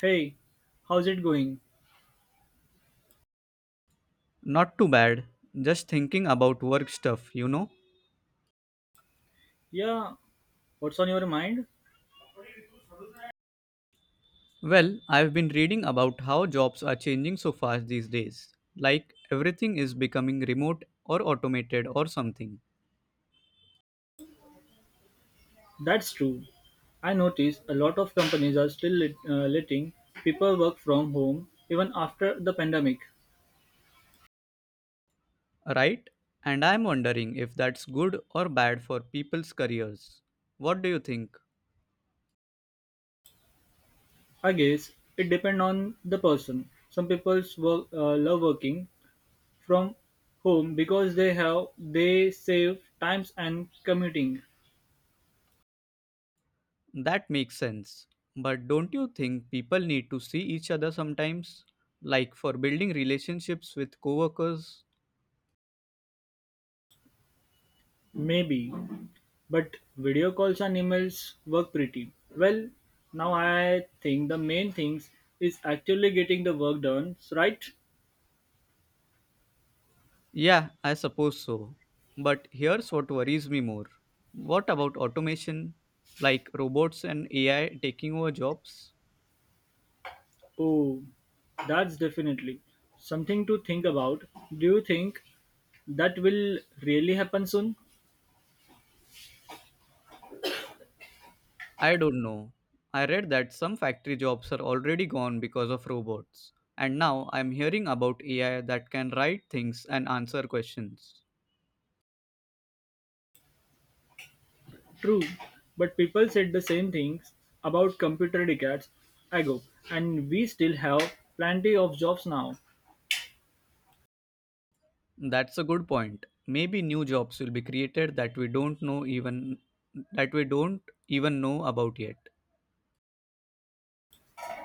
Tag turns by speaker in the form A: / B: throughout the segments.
A: Hey, how's it going?
B: Not too bad. Just thinking about work stuff, you know?
A: Yeah, what's on your mind?
B: Well, I've been reading about how jobs are changing so fast these days. Like everything is becoming remote or automated or something,
A: That's true. I notice a lot of companies are still letting people work from home even after the pandemic.
B: right? And I'm wondering if that's good or bad for people's careers. What do you think?
A: I guess it depends on the person. Some people love working from home because they save times and commuting.
B: That makes sense. But don't you think people need to see each other sometimes? Like for building relationships with coworkers?
A: Maybe, but video calls and emails work pretty well. Now I think the main things is actually getting the work done, right?
B: Yeah, I suppose so. But here's what worries me more. What about automation, like robots and AI taking over jobs?
A: Oh, that's definitely something to think about. Do you think that will really happen soon?
B: I don't know. I read that some factory jobs are already gone because of robots. And now I'm hearing about AI that can write things and answer questions.
A: True, but people said the same things about computer decades ago, and we still have plenty of jobs now.
B: That's a good point. Maybe new jobs will be created that we don't even know about yet.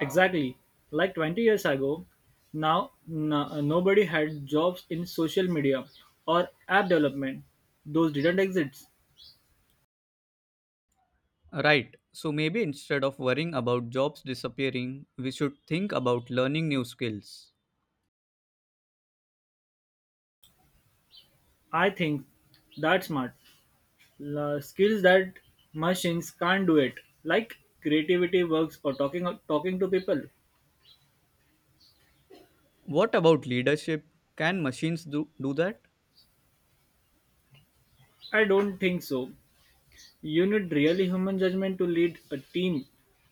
A: Exactly. Like 20 years ago, now no, nobody had jobs in social media or app development. Those didn't exist.
B: Right. So maybe instead of worrying about jobs disappearing, we should think about learning new skills.
A: I think that's smart. Skills that machines can't do it, like creativity works or talking to people.
B: What about leadership? Can machines do that?
A: I don't think so. You need really human judgment to lead a team,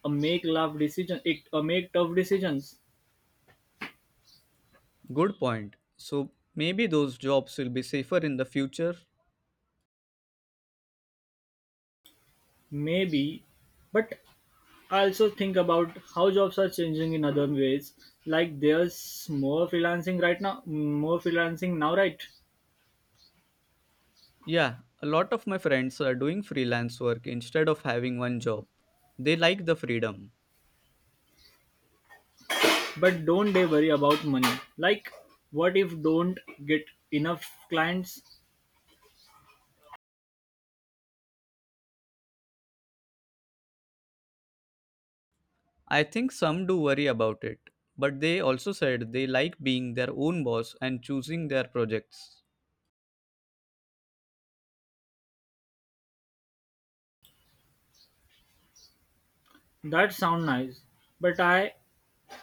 A: a make love decision, a make tough decisions.
B: Good point. So maybe those jobs will be safer in the future.
A: Maybe, but I also think about how jobs are changing in other ways. Like there's more freelancing right now, more freelancing now, right?
B: Yeah, a lot of my friends are doing freelance work instead of having one job. They like the freedom.
A: But don't they worry about money? Like, what if don't get enough clients?
B: I think some do worry about it, but they also said they like being their own boss and choosing their projects.
A: That sound nice, but I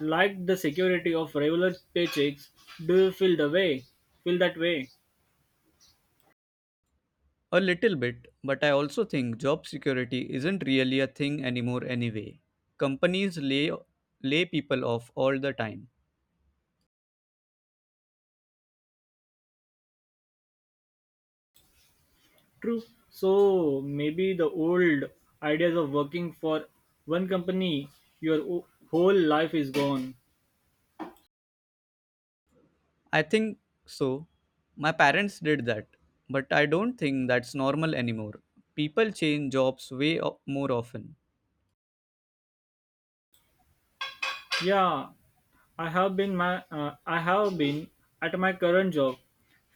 A: like the security of regular paychecks. Do you feel the way? Feel that way?
B: A little bit, but I also think job security isn't really a thing anymore anyway. Companies lay people off all the time.
A: True. So maybe the old ideas of working for one company your whole life is gone.
B: I think so. My parents did that, but I don't think that's normal anymore. People change jobs more often.
A: Yeah, I have been at my current job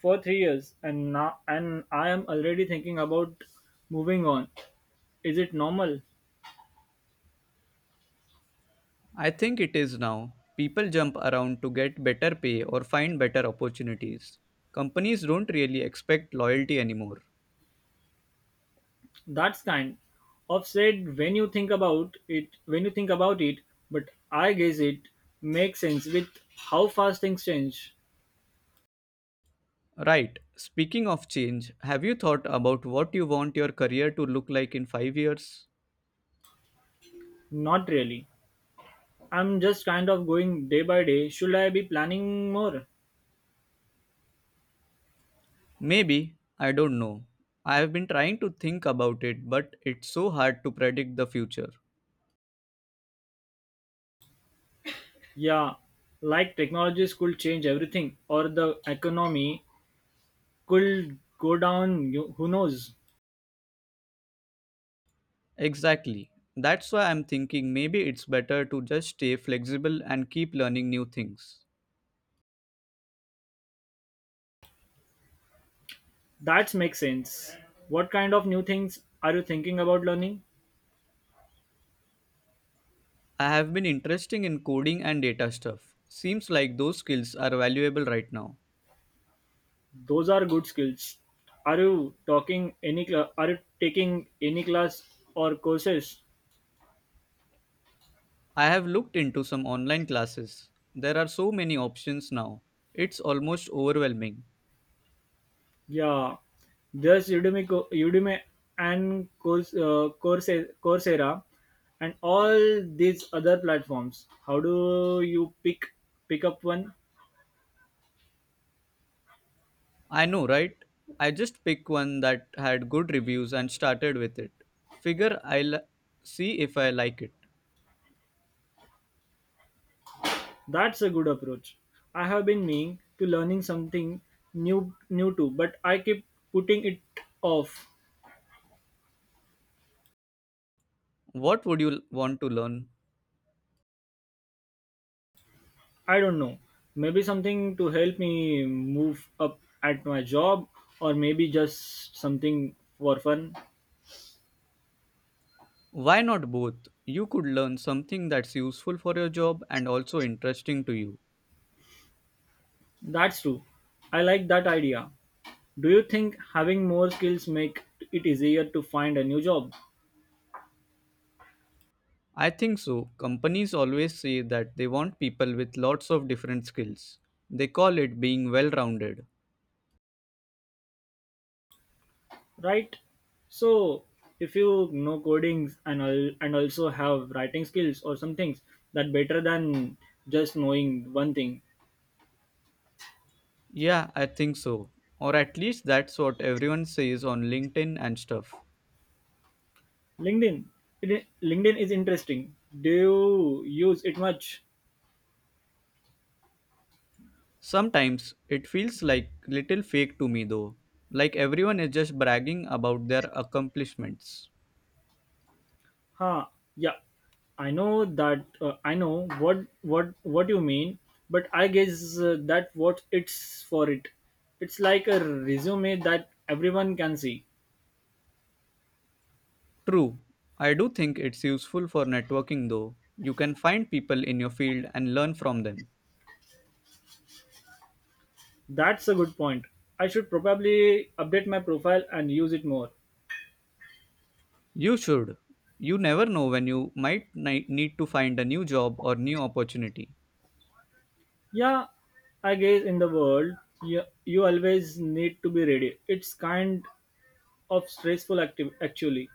A: for 3 years and now and I am already thinking about moving on. Is it normal?
B: I think it is now. People jump around to get better pay or find better opportunities. Companies don't really expect loyalty anymore.
A: That's kind of said when you think about it when you think about it, but I guess it makes sense with how fast things change.
B: Right. Speaking of change, have you thought about what you want your career to look like in 5 years?
A: Not really. I'm just kind of going day by day. Should I be planning more?
B: Maybe, I don't know. I have been trying to think about it, but it's so hard to predict the future.
A: Yeah, like technologies could change everything, or the economy could go down, who knows?
B: Exactly. That's why I'm thinking maybe it's better to just stay flexible and keep learning new things.
A: That makes sense. What kind of new things are you thinking about learning?
B: I have been interested in coding and data stuff. Seems like those skills are valuable right now.
A: Those are good skills. Are you are you taking any class or courses?
B: I have looked into some online classes. There are so many options now. It's almost overwhelming.
A: Yeah, there's Udemy and Coursera and all these other platforms. How do you pick up one?
B: I know, right? I just picked one that had good reviews and started with it. Figure I'll see if I like it.
A: That's a good approach. I have been meaning to learning something new too, but I keep putting it off.
B: What would you want to learn?
A: I don't know. Maybe something to help me move up at my job or maybe just something for fun.
B: Why not both? You could learn something that's useful for your job and also interesting to you.
A: That's true. I like that idea. Do you think having more skills make it easier to find a new job?
B: I think so. Companies always say that they want people with lots of different skills. They call it being well rounded.
A: Right. So if you know codings and and also have writing skills or some things, that better than just knowing one thing.
B: Yeah, I think so. Or at least that's what everyone says on LinkedIn and stuff.
A: LinkedIn. LinkedIn is interesting. Do you use it much?
B: Sometimes it feels like little fake to me though. Like everyone is just bragging about their accomplishments.
A: Huh. Yeah, I know what you mean, but I guess that what it's for. It's like a resume that everyone can see.
B: True, I do think it's useful for networking though. You can find people in your field and learn from them.
A: That's a good point. I should probably update my profile and use it more.
B: You should. You never know when you might need to find a new job or new opportunity.
A: Yeah, I guess in the world, you always need to be ready. It's kind of stressful active actually.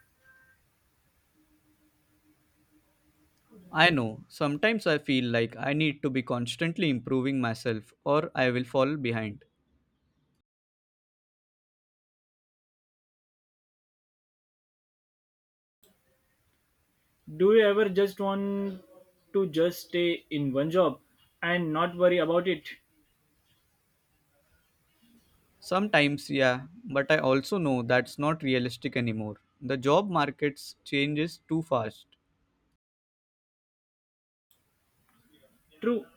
B: I know, sometimes I feel like I need to be constantly improving myself or I will fall behind.
A: Do you ever just want to just stay in one job and not worry about it?
B: Sometimes, yeah, but I also know that's not realistic anymore. The job markets changes too fast.
A: True.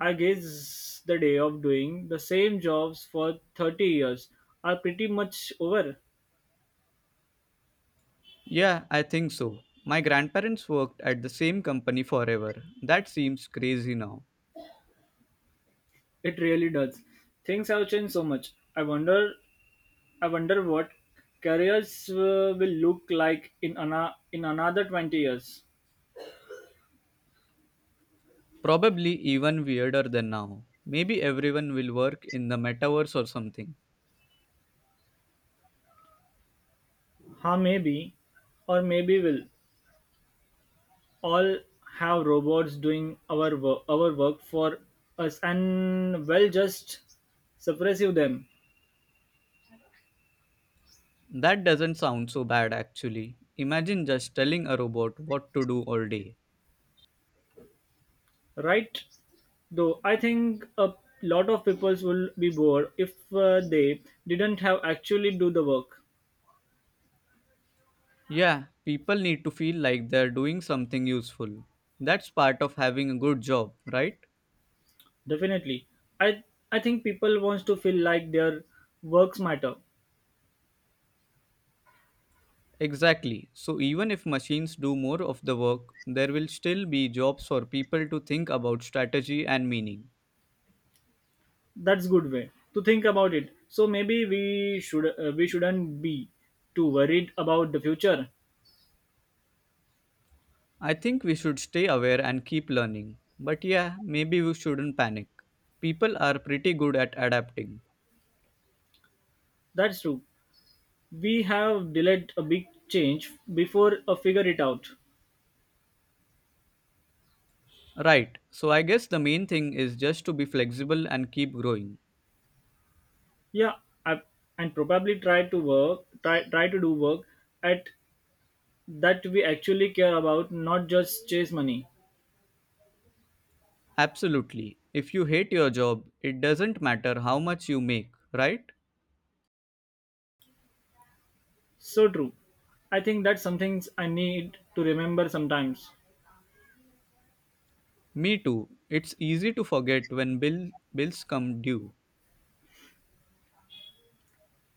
A: I guess the day of doing the same jobs for 30 years are pretty much over.
B: Yeah, I think so. My grandparents worked at the same company forever. That seems crazy now.
A: It really does. Things have changed so much. I wonder what careers will look like in in another 20 years.
B: Probably even weirder than now. Maybe everyone will work in the metaverse or something.
A: How maybe, or maybe we'll all have robots doing our work for us, and well, just suppressive them,
B: That doesn't sound so bad actually. Imagine just telling a robot what to do all day.
A: right? Though I think a lot of people will be bored if they didn't have actually do the work.
B: Yeah, people need to feel like they're doing something useful. That's part of having a good job, right?
A: Definitely, I I think people wants to feel like their works matter.
B: Exactly. So, even if machines do more of the work, there will still be jobs for people to think about strategy and meaning.
A: That's good way to think about it, so maybe we shouldn't be too worried about the future.
B: I think we should stay aware and keep learning. But yeah, maybe we shouldn't panic. People are pretty good at adapting.
A: That's true, we have delayed a big change before, figure it out.
B: Right, so I guess the main thing is just to be flexible and keep growing.
A: Yeah, I, and probably try to do work at that we actually care about, not just chase money.
B: Absolutely. If you hate your job, it doesn't matter how much you make, right?
A: So true. I think that's something I need to remember sometimes.
B: Me too. It's easy to forget when bills come due.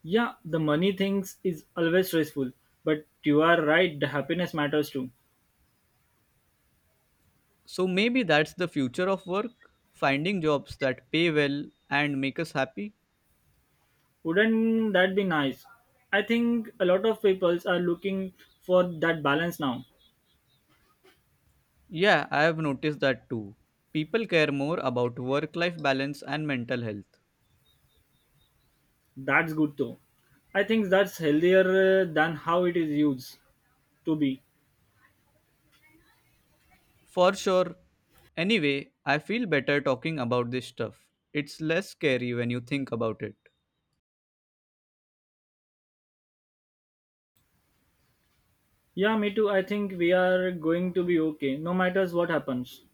A: Yeah, the money things is always stressful, but you are right, the happiness matters too.
B: So maybe that's the future of work, finding jobs that pay well and make us happy.
A: Wouldn't that be nice? I think a lot of people are looking for that balance now.
B: Yeah, I have noticed that too. People care more about work life balance and mental health.
A: That's good though. I think that's healthier than how it is used to be.
B: For sure. Anyway, I feel better talking about this stuff. It's less scary when you think about it.
A: Yeah, me too. I think we are going to be okay, no matters what happens.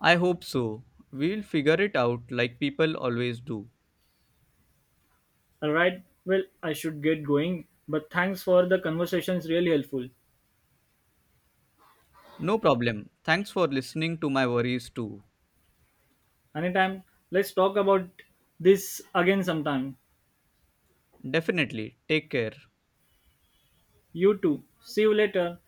B: I hope so. We'll figure it out like people always do.
A: Alright, well, I should get going, but thanks for the conversation, it's really helpful.
B: No problem. Thanks for listening to my worries too.
A: Anytime, let's talk about this again sometime.
B: Definitely. Take care.
A: You too. See you later.